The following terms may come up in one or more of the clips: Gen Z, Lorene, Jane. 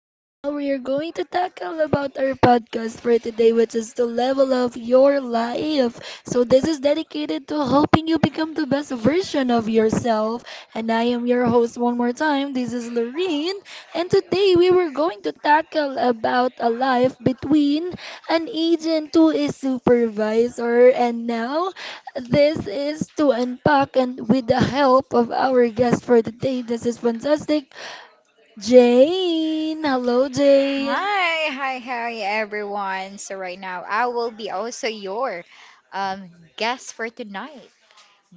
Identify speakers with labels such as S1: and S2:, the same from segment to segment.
S1: and now we are going to tackle about our podcast for today, which is to level up your life. So this is dedicated to helping you become the best version of yourself. And I am your host one more time. This is Lorene, and today we were going to tackle about a life between an agent to a supervisor. And now this is to unpack and with the help of our guest for the day, this is fantastic, Jane. Hello, Jane.
S2: Hi, everyone. Right now, I will be also your guest for tonight,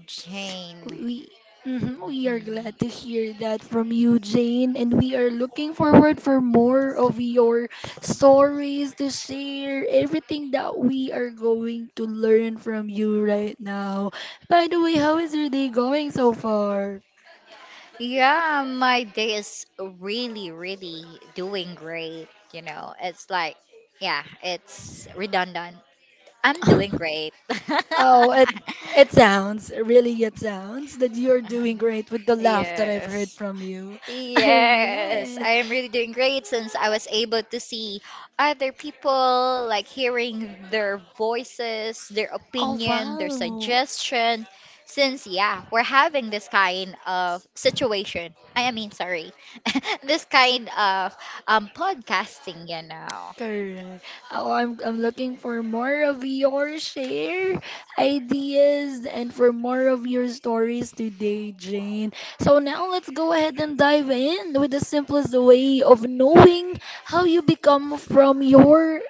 S2: Jane.
S1: We mhm, we are
S2: Mm.
S1: glad to hear that from you, Jane, and we are looking forward for more of your stories to share. Everything that we are going to learn from you right now. By the way, how is your day going so far?
S2: Yeah, my day is really, really doing great. You know, it's like, yeah, it's redundant. I'm doing great.
S1: Oh, it sounds, really it sounds that you're doing great with the laugh that I've heard
S2: Yes.
S1: from you. All
S2: Yes,
S1: right.
S2: I am really doing great since I was able to see other people, like hearing their voices, their
S1: Oh,
S2: opinion, their
S1: wow.
S2: suggestion. Since, yeah, we're having this kind of situation. I mean, sorry, this kind of podcasting,
S1: Correct. Oh, I'm looking for more of your share ideas and for more of your stories today, Jane. So now let's go ahead and dive in with the simplest way of knowing how you become from your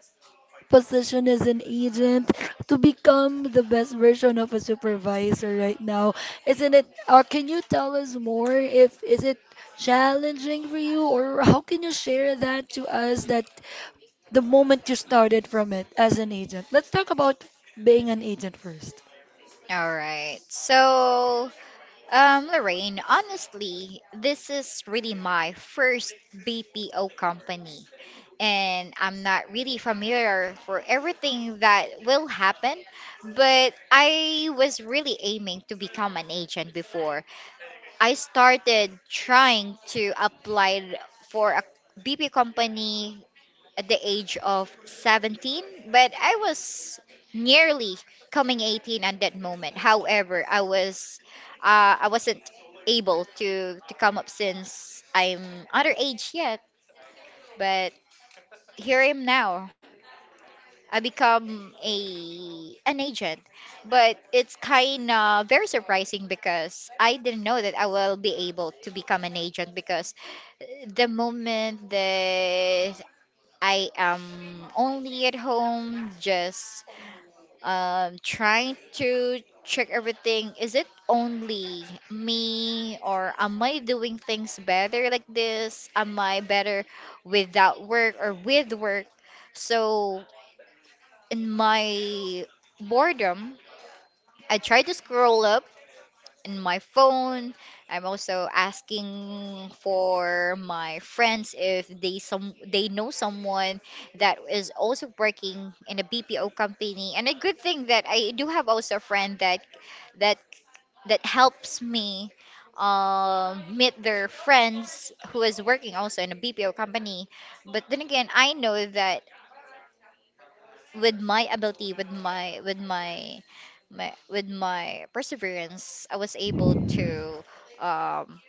S1: position as an agent to become the best version of a supervisor right now. Isn't it? Can you tell us more? If is it challenging for you, or how can you share that to us? That the moment you started from it as an agent. Let's talk about being an agent first.
S2: All right, so Lorraine, honestly, this is really my first BPO company, and I'm not really familiar for everything that will happen, but I was really aiming to become an agent before. I started trying to apply for a BPO company at the age of 17, but I was nearly coming 18 at that moment. However, I wasn't able to come up since I'm underage yet, but here I am now. I become a an agent, but it's kind of very surprising because I didn't know that I will be able to become an agent because the moment that I am only at home, just trying to check everything. Is it only me, or am I doing things better like this? Am I better without work or with work? So, in my boredom, I try to scroll up in my phone. I'm also asking for my friends if they know someone that is also working in a BPO company. And a good thing that I do have also a friend that that helps me meet their friends who is working also in a BPO company. But then again, I know that with my ability with my with my perseverance I was able um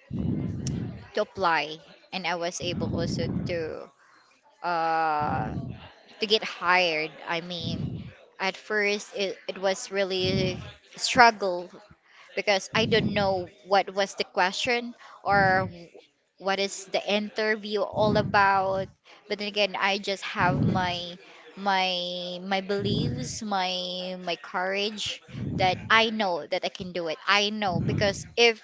S2: to apply, and I was able also uh to get hired. I mean, at first it was really struggle because I don't know what was the question or what is the interview all about. But then again, I just have my beliefs, my courage that I know that I can do it. I know because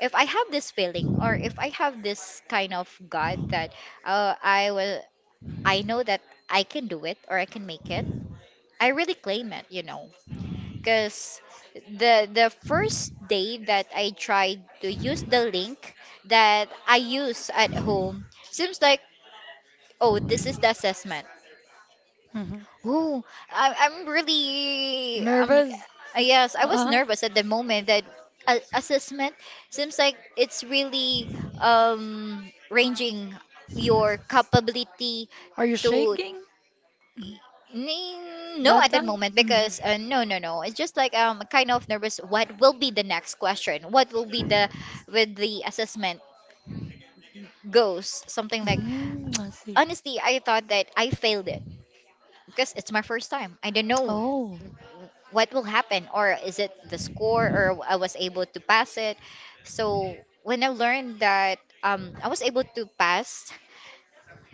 S2: if I have this feeling or if I have this kind of gut that uh, I will I know that I can do it or I can make it. I really claim it, you know, because the first day that I tried to use the link that I use at home seems like, oh, this is the assessment.
S1: Hmm.
S2: Oh, I, I'm really I'm
S1: Nervous?
S2: yes, I was
S1: Uh-huh.
S2: nervous at the moment that assessment seems like it's really ranging your capability
S1: Are you
S2: to.
S1: shaking? Mhm.
S2: Mm, no,
S1: That
S2: at that
S1: time?
S2: moment
S1: Hmm.
S2: because no, no, no. It's just like kind of nervous. What will be the next question? What will be the, with the assessment, goes something like,
S1: I see.
S2: honestly, I thought that I failed it because it's my first time. I don't know
S1: Oh.
S2: what will happen, or is it the score, or I was able to pass it. So when I learned that I was able to pass,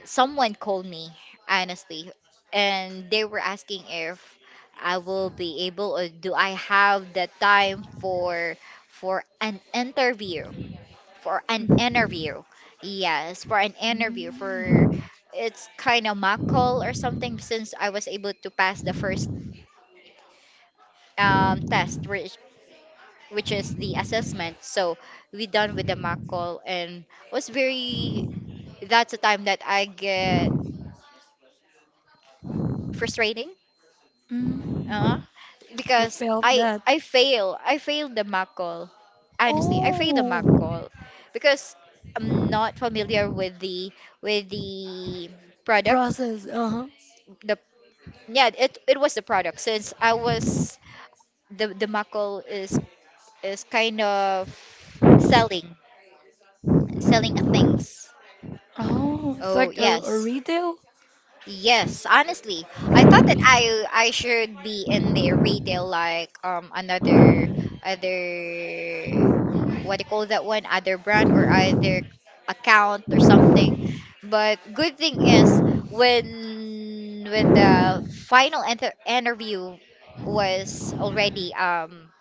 S2: someone called me, honestly, and they were asking if I will be able or do I have the time for an interview, for an
S1: Hmm.
S2: interview yes, for an interview, for, it's kind of mock call or something, since I was able to pass the first test, which is the assessment. So we done with the mock call and was very, that's a time that I get frustrating. Uh
S1: Mm-hmm.
S2: huh.
S1: You
S2: Because
S1: felt
S2: I
S1: that.
S2: I fail. I failed the mock call. Honestly, I failed the mock
S1: Oh,
S2: call because I'm not familiar with the product.
S1: process. Uh-huh.
S2: The, yeah, it was the product, since I was, the mock call is kind of selling, selling a things.
S1: Oh, it's
S2: Oh
S1: like a
S2: yes.
S1: retail
S2: Yes, honestly, I thought that I should be in the retail, like another other, what do you call that one, other brand or other account or something. But good thing is, when the final enter interview was already um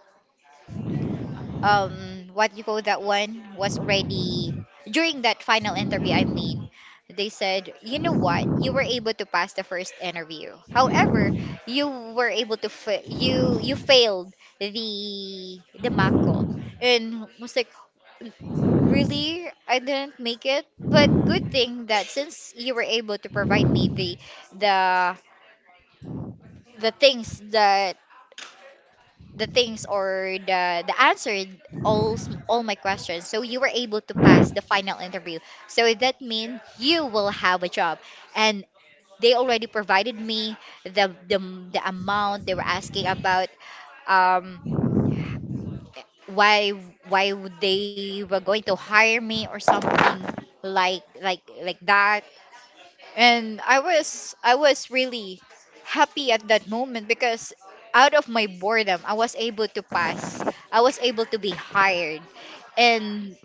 S2: um what you call that one, was already during that final interview. I mean, they said, you know what, you were able to pass the first interview, however, you were able to you failed the mock call. And was like, really, I didn't make it, but good thing that, since you were able to provide me the the things that, the things or the answer all all my questions, so you were able to pass the final interview, so that means you will have a job. And they already provided me the the, the amount they were asking about, um why why would they were going to hire me or something like that. And I was really happy at that moment because out of my boredom, I was able to pass. I was able to be hired. And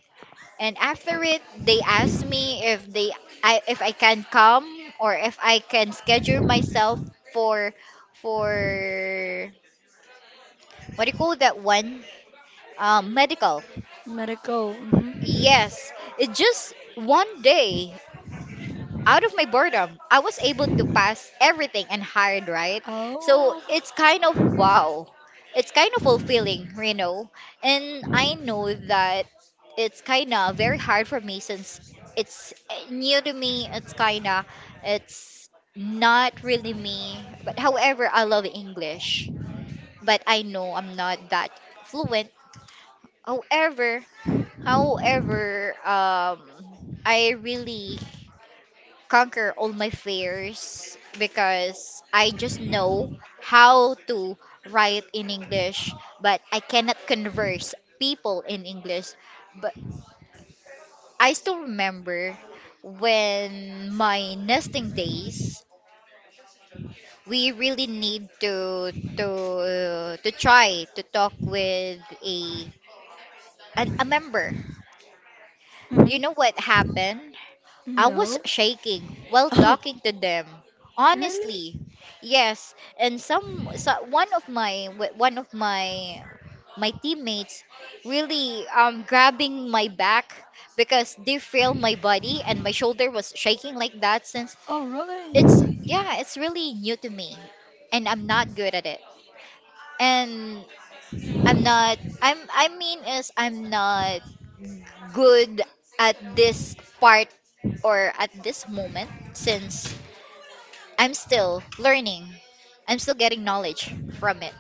S2: and after it, they asked me if they, I, if I can come or if I can schedule myself for for, what do you call that one? Medical.
S1: medical. Hmm.
S2: Yes. It's just one day. Out of my boredom, I was able to pass everything and hired, right? So
S1: Oh.
S2: it's kind of wow. It's kind of fulfilling, you know. And I know that it's kind of very hard for me since it's new to me. It's kind of, it's not really me. But however, I love English. But I know I'm not that fluent. However, however, I really conquer all my fears because I just know how to write in English, but I cannot converse people in English. But I still remember when my nesting days, we really need to to try to talk with a an, a member. You
S1: Hmm.
S2: know what happened? I was
S1: No.
S2: shaking while
S1: Oh,
S2: talking to them. Honestly,
S1: really?
S2: yes. And some, so one of my one of my my teammates really grabbing my back because they feel my body and my shoulder was shaking like that, since
S1: Oh,
S2: it's,
S1: really?
S2: yeah, it's really new to me, and I'm not good at it. And I'm not I'm I mean is I'm not good at this part or at this moment, since I'm still learning. I'm still getting knowledge from it.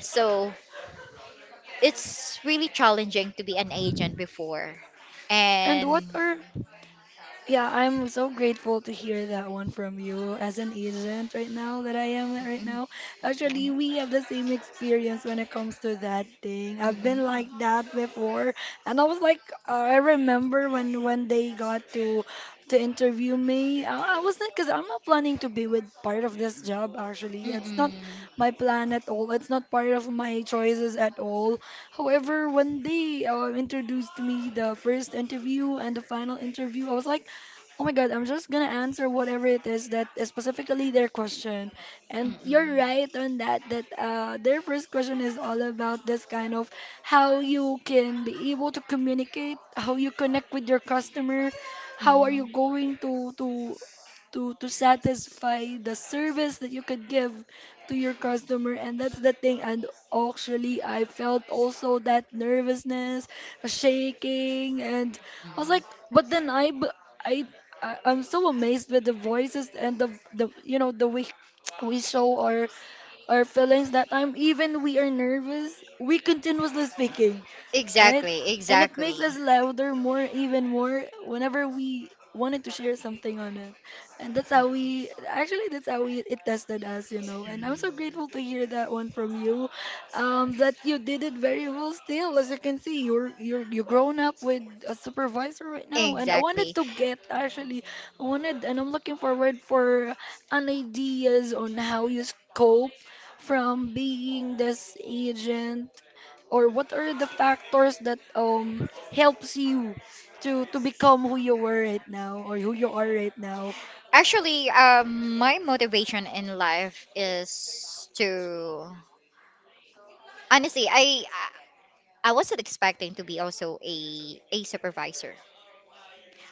S2: So it's really challenging to be an agent before.
S1: And what
S2: And
S1: are? Yeah, I'm so grateful to hear that one from you as an agent right now that I am at right
S2: mm,
S1: now. Actually,
S2: mm,
S1: we have the same experience when it comes to that thing.
S2: mm,
S1: I've been like
S2: mm,
S1: that before, and I was like, I remember when they got to interview me. I wasn't because I'm not planning to be with part of this job. Actually, it's not
S2: mm,
S1: my plan at all. It's not part of my choices at all. However, when they introduced me the first interview and the final interview, I was like. Oh my God, I'm just gonna answer whatever it is that is specifically their question.
S2: mm,
S1: And you're
S2: mm,
S1: right on that, that their first question is all about this kind of how you can be able to communicate, how you connect with your customer, how are you
S2: mm.
S1: going to satisfy the service that you could give to your customer, and that's the thing. And actually, I felt also that nervousness, a shaking, and I was like, but then I b- I I- I'm so amazed with the voices and the you know the way we show our feelings that time. Even we are nervous, we continuously speaking, right?
S2: Exactly,
S1: And it makes
S2: exactly,
S1: us louder more, even more, whenever we wanted to share something on it. And actually, it tested us. And I'm so grateful to hear that one from you, that you did it very well still. As you can see, you're grown up with a supervisor right now. And I wanted
S2: exactly.
S1: to get, actually, I wanted, and I'm looking forward for an ideas on how you scope from being this agent, or what are the factors that helps you to become who you were right now or who you are right now?
S2: Actually, my motivation in life is to, honestly, I wasn't expecting to be also a supervisor.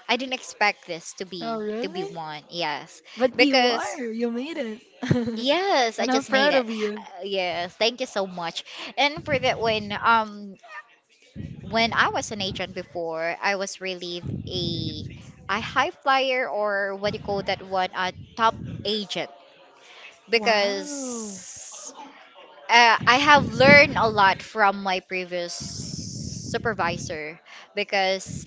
S2: I didn't expect this to
S1: Oh,
S2: be
S1: really?
S2: one. Yes,
S1: But you
S2: because,
S1: are. You made it.
S2: yes, I
S1: And I'm
S2: just made
S1: proud
S2: it.
S1: of you.
S2: Yes, thank you so much. And for that, when I was an agent before, I was really a a high flyer, or what do you call that one? A top agent,
S1: Wow.
S2: because I have learned a lot from my previous supervisor, because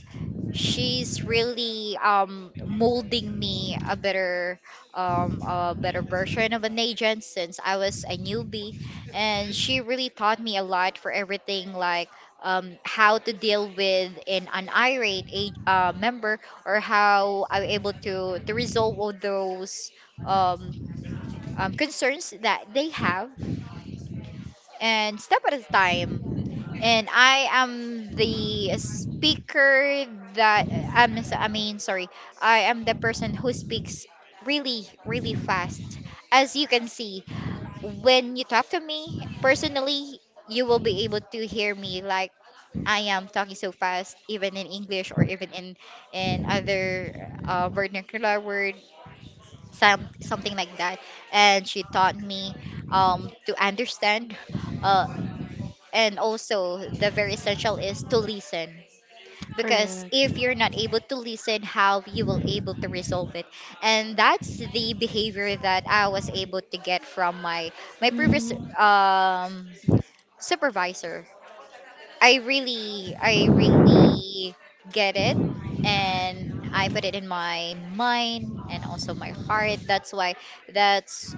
S2: she's really molding me a better version of an agent since I was a newbie, and she really taught me a lot for everything, like how to deal with an irate a, member, or how I'm able to resolve all those um, concerns that they have, and step at a time. And I am the speaker that I'm, s- I mean, sorry, I am the person who speaks really, really fast. As you can see, when you talk to me personally, you will be able to hear me like I am talking so fast, even in English, or even in other vernacular word, some something like that. And she taught me to understand. Uh, and also the very essential is to listen, because
S1: Correct.
S2: if you're not able to listen, how you will able to resolve it. And that's the behavior that I was able to get from my my previous
S1: Mm,
S2: um supervisor. I really get it, and I put it in my mind and also my heart. That's why, that's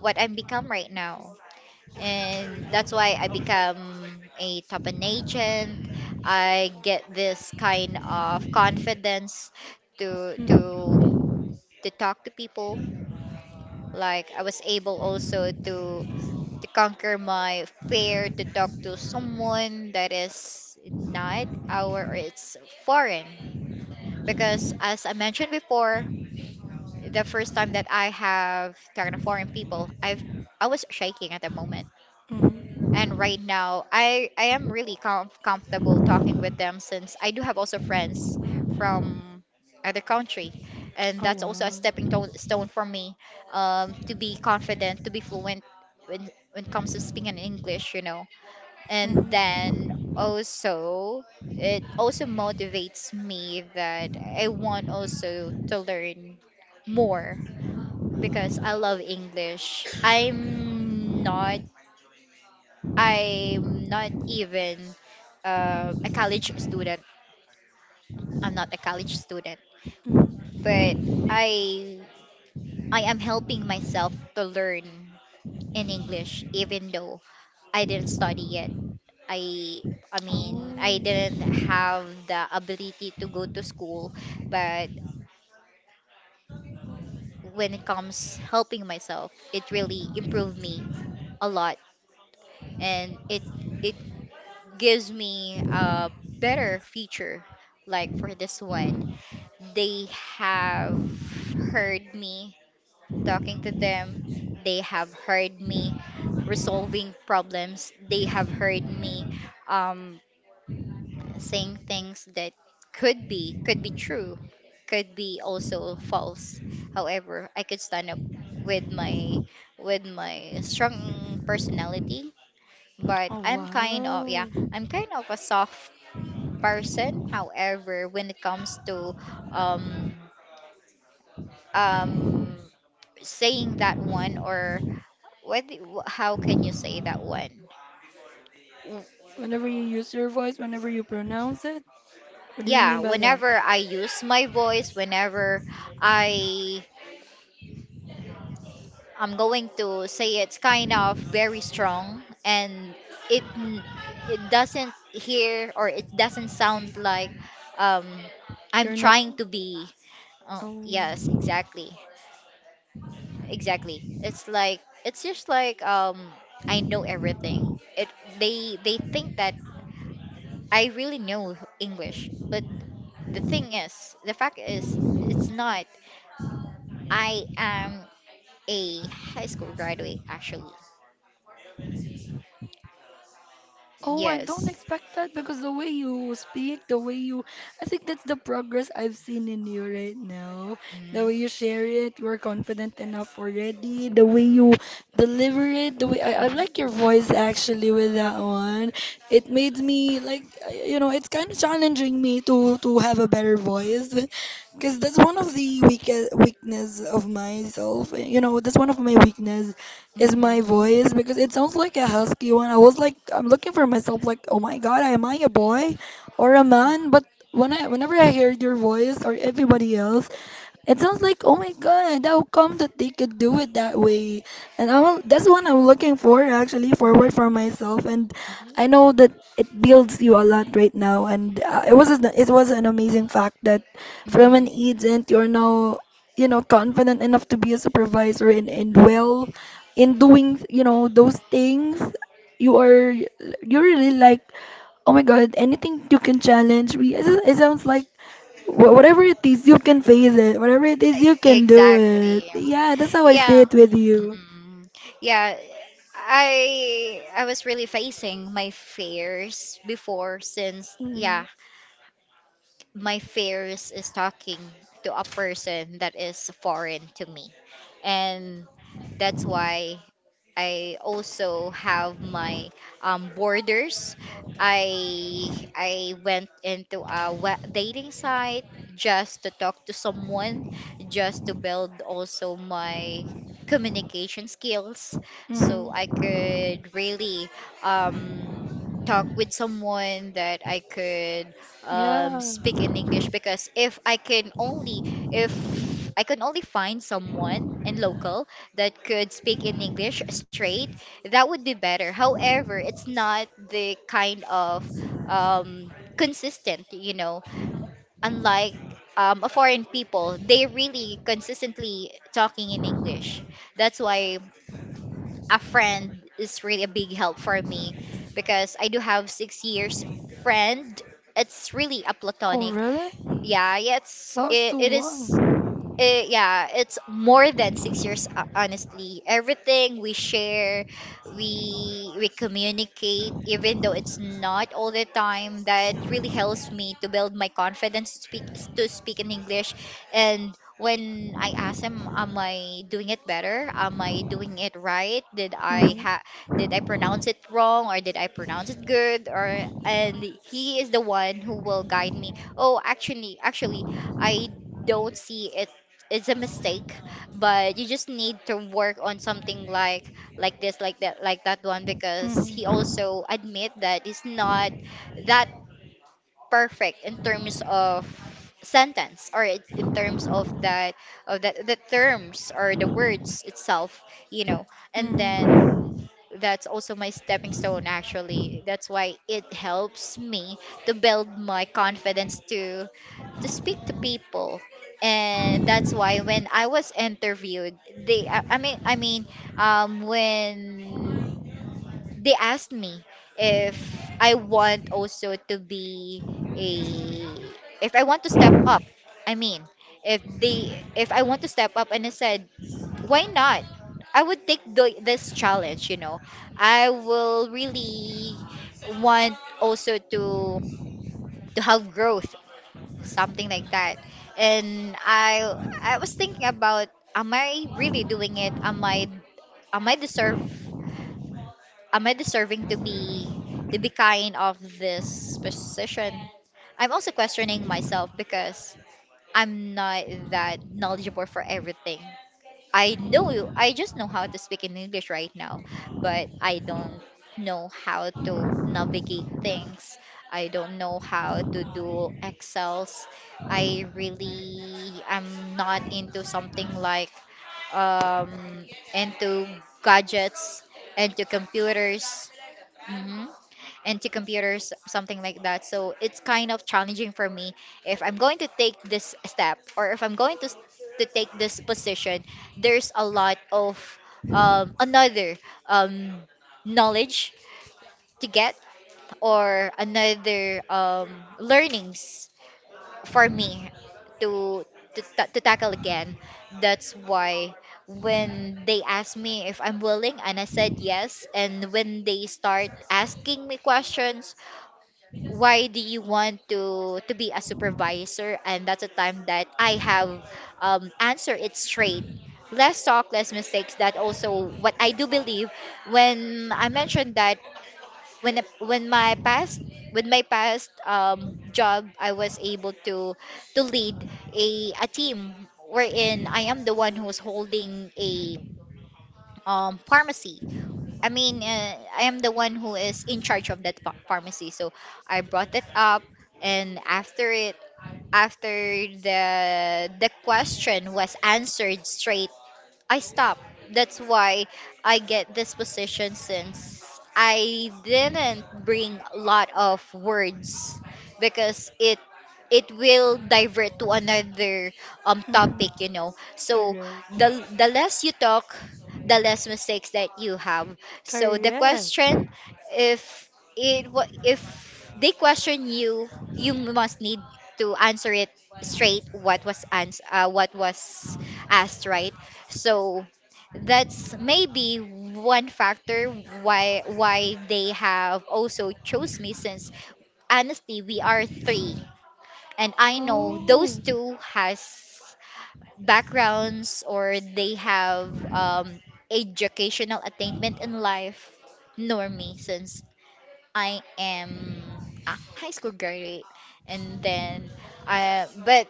S2: what I'm become right now, and that's why I become a top an agent. I get this kind of confidence to to
S1: mm,
S2: to talk to people. Like I was able also to conquer my fear to talk to someone that is not our or it's foreign. Because as I mentioned before, the first time that I have talked to foreign people, I was shaking at the moment.
S1: mm.
S2: And right now, i am really comfortable talking with them, since I do have also friends from other country, and
S1: Oh,
S2: that's also a
S1: wow.
S2: stone for me, to be confident, to be fluent when it comes to speaking English, you know. And
S1: Mm.
S2: then also it also motivates me that I want also to learn more, because I love English. I'm not, I'm not even a college student. I'm not a college student,
S1: Mm.
S2: but I I am helping myself to learn in English, even though I didn't study it. I I mean,
S1: Oh.
S2: I didn't have the ability to go to school, but when it comes helping myself, it really improved me a lot, and it gives me a better future, like for this one. They have heard me talking to them. They have heard me resolving problems. They have heard me um, saying things that could be true, could be also false. However, I could stand up with my with my strong personality, but
S1: Oh,
S2: I'm kind of, yeah,
S1: wow.
S2: I'm kind of a soft person. However, when it comes to um um saying that one, or how can you say that one? W-
S1: Whenever you use your voice, whenever you pronounce it, what do you
S2: yeah,
S1: mean by that?
S2: whenever I use my voice, whenever i I'm going to say, it's kind of very strong, and it n- it doesn't hear, or it doesn't sound like um I'm
S1: You're not.
S2: trying to be. Oh
S1: Oh.
S2: yes, exactly, exactly. It's like, it's just like, I know everything. It they they think that I really know English, but the thing is, the fact is, it's not. I am a high school graduate, actually.
S1: Oh, I don't
S2: Yes.
S1: expect that because the way you speak, the way you, I think that's the progress I've seen in you right now. The
S2: Mm-hmm.
S1: way you share it, you're confident enough already. The way you deliver it, the way I like your voice actually with that one. It made me like, it's kind of challenging me to have a better voice because that's one of the weakness of myself. That's one of my weakness is my
S2: Mm-hmm.
S1: voice because it sounds like a husky one. I was like, I'm looking for myself, like, oh my God, am I a boy or a man? But when I, whenever I hear your voice or everybody else, it sounds like, oh my God, how come that they could do it that way? And I'm, that's what I'm looking for, actually, forward
S2: Mm-hmm.
S1: for myself. And I know that it builds you a lot right now. And it was an amazing fact that from an
S2: Mm-hmm.
S1: agent, you're now, confident enough to be a supervisor and well
S2: Yeah.
S1: in doing, those things. You are, you really like, oh my God, anything you can challenge me. It sounds like, whatever it is, you can face it. Whatever it is, you can do it.
S2: Exactly.
S1: Yeah, that's how I see
S2: Yeah.
S1: it with you.
S2: Mm-mm. Yeah. I was really facing my fears before, since, yeah,
S1: Mm,
S2: my fears is talking to a person that is foreign to me, and that's why I also have my borders. I went into a dating site just to talk to someone, just to build also my communication skills so I
S1: mm,
S2: could really um, talk with someone that I could
S1: yeah.
S2: speak in English. Because if I can only find someone in local that could speak in English straight, that would be better. However, it's not the kind of consistent, unlike a foreign people, they really consistently talking in English. That's why a friend is really a big help for me, because I do have 6 years friend. It's really a
S1: Oh,
S2: platonic.
S1: really?
S2: Yeah,
S1: That was too
S2: it
S1: long.
S2: is. Yeah, it's more than 6 years, honestly. Everything we share, we communicate, even though it's not all the time, that really helps me to build my confidence to speak in English. And when I ask him, am I doing it better? Am I doing it right? Did I
S1: Mm,
S2: ha did I pronounce it wrong, or did I pronounce it good? Or and he is the one who will guide me. Oh, actually, I don't see it, it's a mistake, but you just need to work on something, like this, like that, like that one. Because he
S1: mm,
S2: also admit that he's not that perfect in terms of sentence, or in terms of that, the terms or the words itself. you know and then
S1: mm,
S2: that's also my stepping stone, actually. That's why it helps me to build my confidence to speak to people. And that's why, when I was interviewed, they I mean when they asked me if I want also to be a if I want to step up, I mean if they if I want to step up and I said, why not? I would take this challenge. I will really want also to have growth, something like that. And I was thinking about, am I really doing it? Am I deserve am I deserving to be, kind of this position? I'm also questioning myself, because I'm not that knowledgeable for everything. I know, I just know how to speak in English right now, but I don't know how to navigate things. I don't know how to do Excels. I really am not into something, like, um into gadgets, into computers. hmm into computers, something like that. So it's kind of challenging for me if I'm going to take this step, or if I'm going to to take this position. There's a lot of another um, knowledge to get, or another learnings for me to to tackle again. That's why, when they asked me if I'm willing, and I said yes, and when they start asking me questions, why do you want to be a supervisor? And that's a time that I have answered it straight. Less talk, less mistakes, that also what I do believe. When I mentioned that, when my past with my past job, I was able to lead a team, wherein I am the one who's holding a pharmacy. I mean, I am the one who is in charge of that pharmacy. So I brought it up, and after it, after the question was answered straight, I stopped. That's why I get this position, since I didn't bring a lot of words, because it will divert to another topic,
S1: mm.
S2: you know. So,
S1: Correct.
S2: the less you talk, the less mistakes that you have. So the
S1: Correct.
S2: question, if if they question you, you must need to answer it straight, what was asked, right? So that's maybe one factor why they have also chose me. Since, honestly, we are three, and I know those
S1: Oh,
S2: two has backgrounds, or they have educational attainment in life, nor me, since I am a high school graduate. And then, I but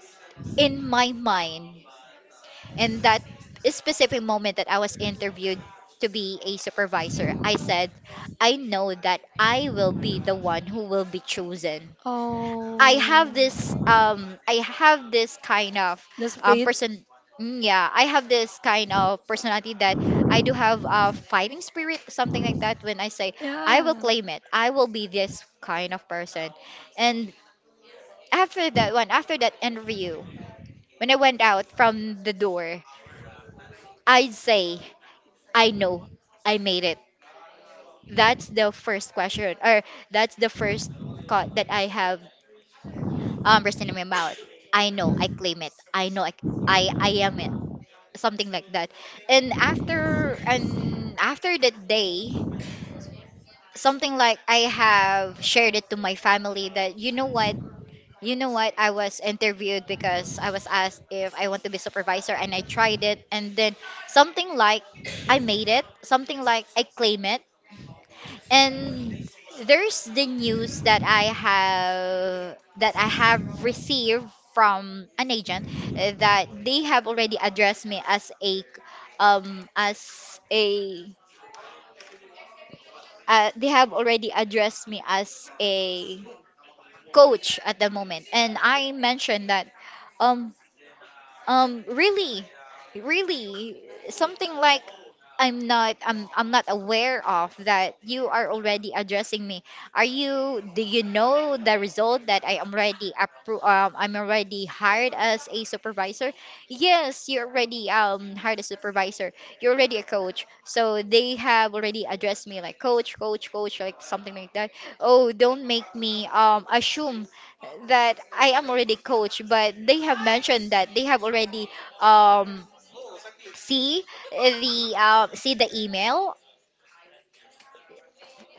S2: in my mind, in that specific moment that I was interviewed to be a supervisor, I said, I know that I will be the one who will be chosen.
S1: oh.
S2: I have this kind of
S1: This fate.
S2: person, yeah, I have this kind of personality, that I do have a fighting spirit, something like that. When I say I will
S1: Yeah.
S2: claim it, I will be this kind of person. And after that one, after that interview, when I went out from the door, I'd say, I know I made it. That's the first question, or that's the first thought that I have written in my mouth. I know I claim it. I know I am it. Something like that. And after that day, something like, I have shared it to my family that, you know what, I was interviewed, because I was asked if I want to be supervisor, and I tried it. And then, something like, I made it, something like, I claim it. And there's the news that I have, received from an agent, that they have already addressed me as a, as a, they have already addressed me as a coach at the moment. And I mentioned that, um really, really, something like, I'm not, I'm not aware of that you are already addressing me. Are you? Do you know the result that I am already I'm already hired as a supervisor? Yes, you're already hired as supervisor. You're already a coach, so they have already addressed me like, coach, coach, coach, like something like that. Oh, don't make me assume that I am already coach, but they have mentioned that they have already um see the, see the email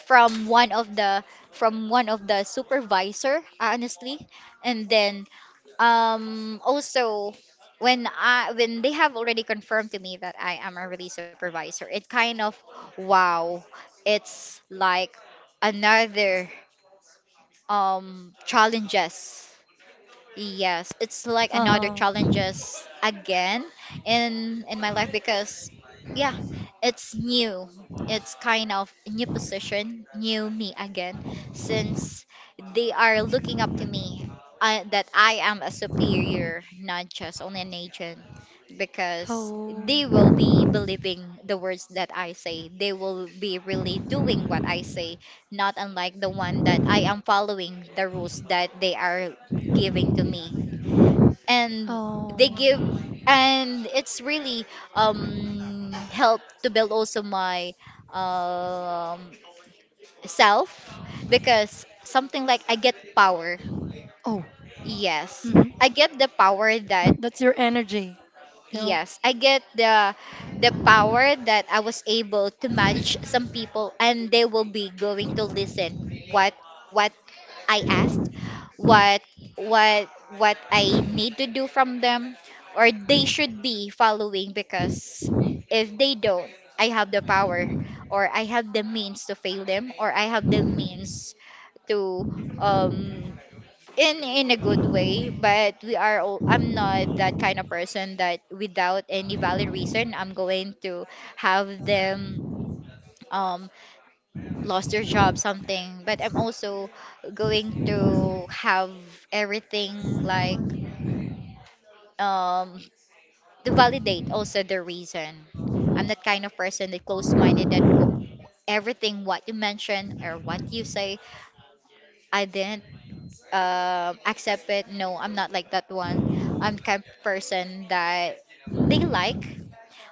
S2: from one of the, supervisor, honestly. And then, also, when I, when they have already confirmed to me that I am a release supervisor, it kind of, wow, it's like another challenges. Yes, it's like another
S1: Uh-huh.
S2: challenges again, in my life because, yeah, it's new. It's kind of a new position, new me again, since they are looking up to me, that I am a superior, not just only an agent. Because
S1: Oh,
S2: they will be believing the words that I say, they will be really doing what I say, not unlike the one that I am following the rules that they are giving to me, and
S1: oh,
S2: they give, and it's really, helped to build also my um self, because something like, I get power.
S1: oh.
S2: Yes,
S1: Mm-hmm.
S2: I get the power, that
S1: That's your energy. You know.
S2: yes, I get the power that I was able to manage some people, and they will be going to listen, what what I asked, what what what I need to do from them, or they should be following. Because if they don't, I have the power, or I have the means to fail them, or I have the means to, um in, a good way. But we are all, I'm not that kind of person that, without any valid reason, I'm going to have them, um lost their job something. But I'm also going to have everything, like, um to validate also the reason. I'm that kind of person that close-minded that everything what you mention or what you say I didn't accept it. No, I'm not like that one. I'm the kind of person that they like.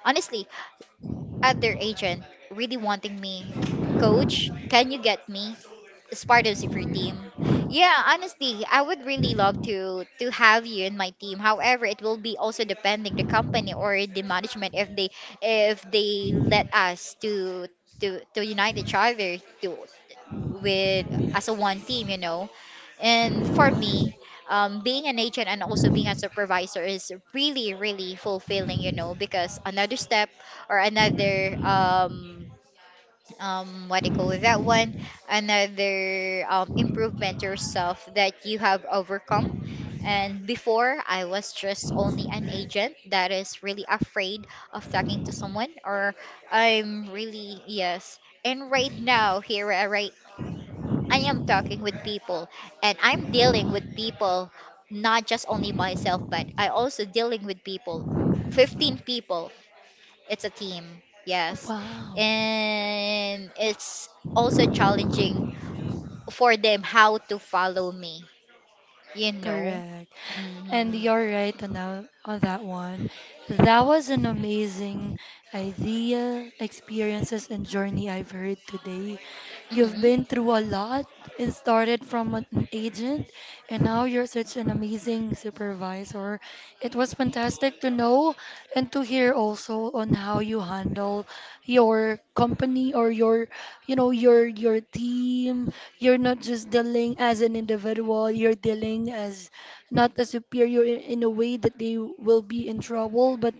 S2: Honestly, other agent really wanting me, coach, can you get me as part of super team? Yeah, honestly, I would really love to have you in my team. However, it will be also depending the company or the management, if they, let us to unite each other, to, with, as a one team. And for me, being an agent and also being a supervisor is really, really fulfilling, because another step, or another, what do you call that one? Another improvement to yourself that you have overcome. And before, I was just only an agent that is really afraid of talking to someone, or I'm really, yes. And right now, here, right, I am talking with people, and I'm dealing with people, not just only myself, but I also dealing with people. 15 people. It's a team.
S1: Oh,
S2: Yes.
S1: wow.
S2: And it's also challenging for them how to follow me, you know.
S1: Correct. And
S2: hmm
S1: you're right on that one. That was an amazing idea, experiences, and journey I've heard today. You've
S2: hmm
S1: been through a lot and started from an agent, and now you're such an amazing supervisor. It was fantastic to know and to hear also on how you handle your company or your team. You're not just dealing as an individual, you're dealing as not as superior in a way that they will be in trouble, but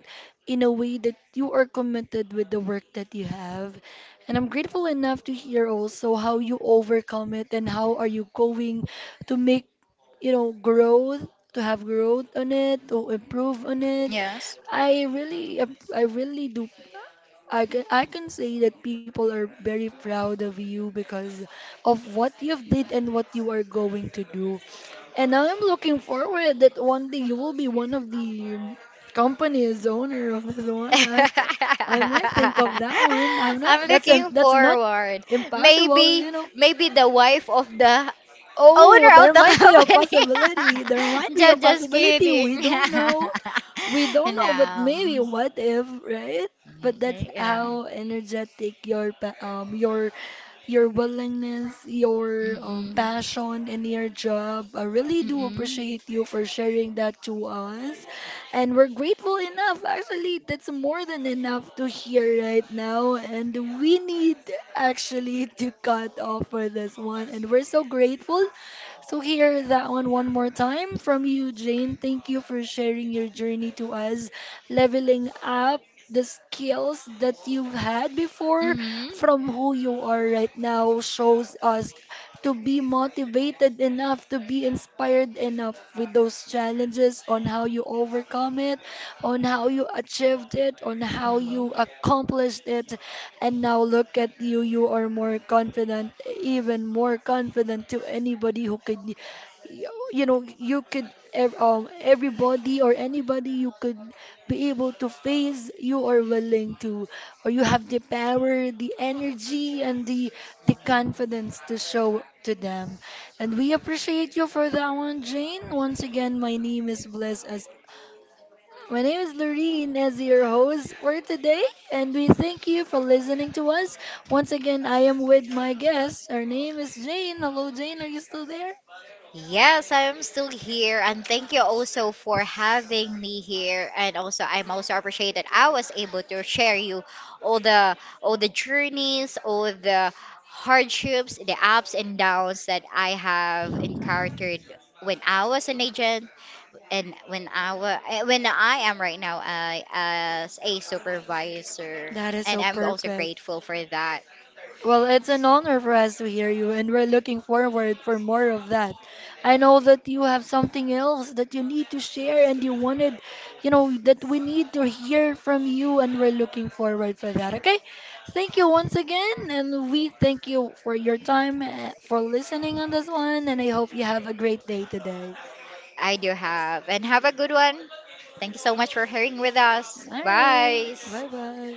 S1: in a way that you are committed with the work that you have. And I'm grateful enough to hear also how you overcome it and how are you going to make, growth, to have growth on it, to improve on it.
S2: Yes.
S1: I really do. I can say that people are very proud of you because of what you've did and what you are going to do. And I'm looking forward that one day you will be one of the company's owner of this one. I might think of that one. I'm not.
S2: I'm
S1: That's um,
S2: looking
S1: that's not
S2: forward.
S1: impossible,
S2: Maybe
S1: you know.
S2: Maybe the wife of the
S1: Oh,
S2: owner of
S1: there
S2: the
S1: might be a
S2: company.
S1: possibility. There might be a
S2: Just
S1: possibility. We
S2: kidding.
S1: don't know. We don't know, but
S2: No.
S1: maybe what if, right? But that's
S2: You know.
S1: how energetic your your your willingness, your
S2: Mm-mm.
S1: passion in your job. I really do
S2: Mm-mm.
S1: appreciate you for sharing that to us. And we're grateful enough. Actually, that's more than enough to hear right now. And we need actually to cut off for this one. And we're so grateful so hear that one one more time from you, Jane. Thank you for sharing your journey to us, leveling up the skills that you've had before
S2: Mm-hmm.
S1: from who you are right now shows us to be motivated enough, to be inspired enough with those challenges on how you overcome it, on how you achieved it, on how you
S2: Mhm.
S1: accomplished it. And now look at you, you are more confident, even more confident to anybody who could, everybody or anybody you could be able to face, you are willing to, or you have the power, the energy, and the confidence to show to them. And we appreciate you for that one, Jane. Once again, my name is Lorene as your host for today, and we thank you for listening to us. Once again, I am with my guest. Her name is Jane. Hello, Jane. Are you still there?
S2: Yes, I'm still here, and thank you also for having me here. And also, I'm also appreciated. I was able to share you all the, journeys, all the hardships, the ups and downs that I have encountered when I was an agent. And when I am right now, as a supervisor,
S1: That is
S2: and
S1: so
S2: I'm also
S1: perfect.
S2: grateful for that.
S1: Well, it's an honor for us to hear you, and we're looking forward for more of that. I know that you have something else that you need to share, and you wanted, that we need to hear from you, and we're looking forward for that. Okay? Thank you once again, and we thank you for your time, for listening on this one, and I hope you have a great day today.
S2: I do have, and have a good one. Thank you so much for hearing with us.
S1: All right.
S2: Bye.
S1: Bye bye.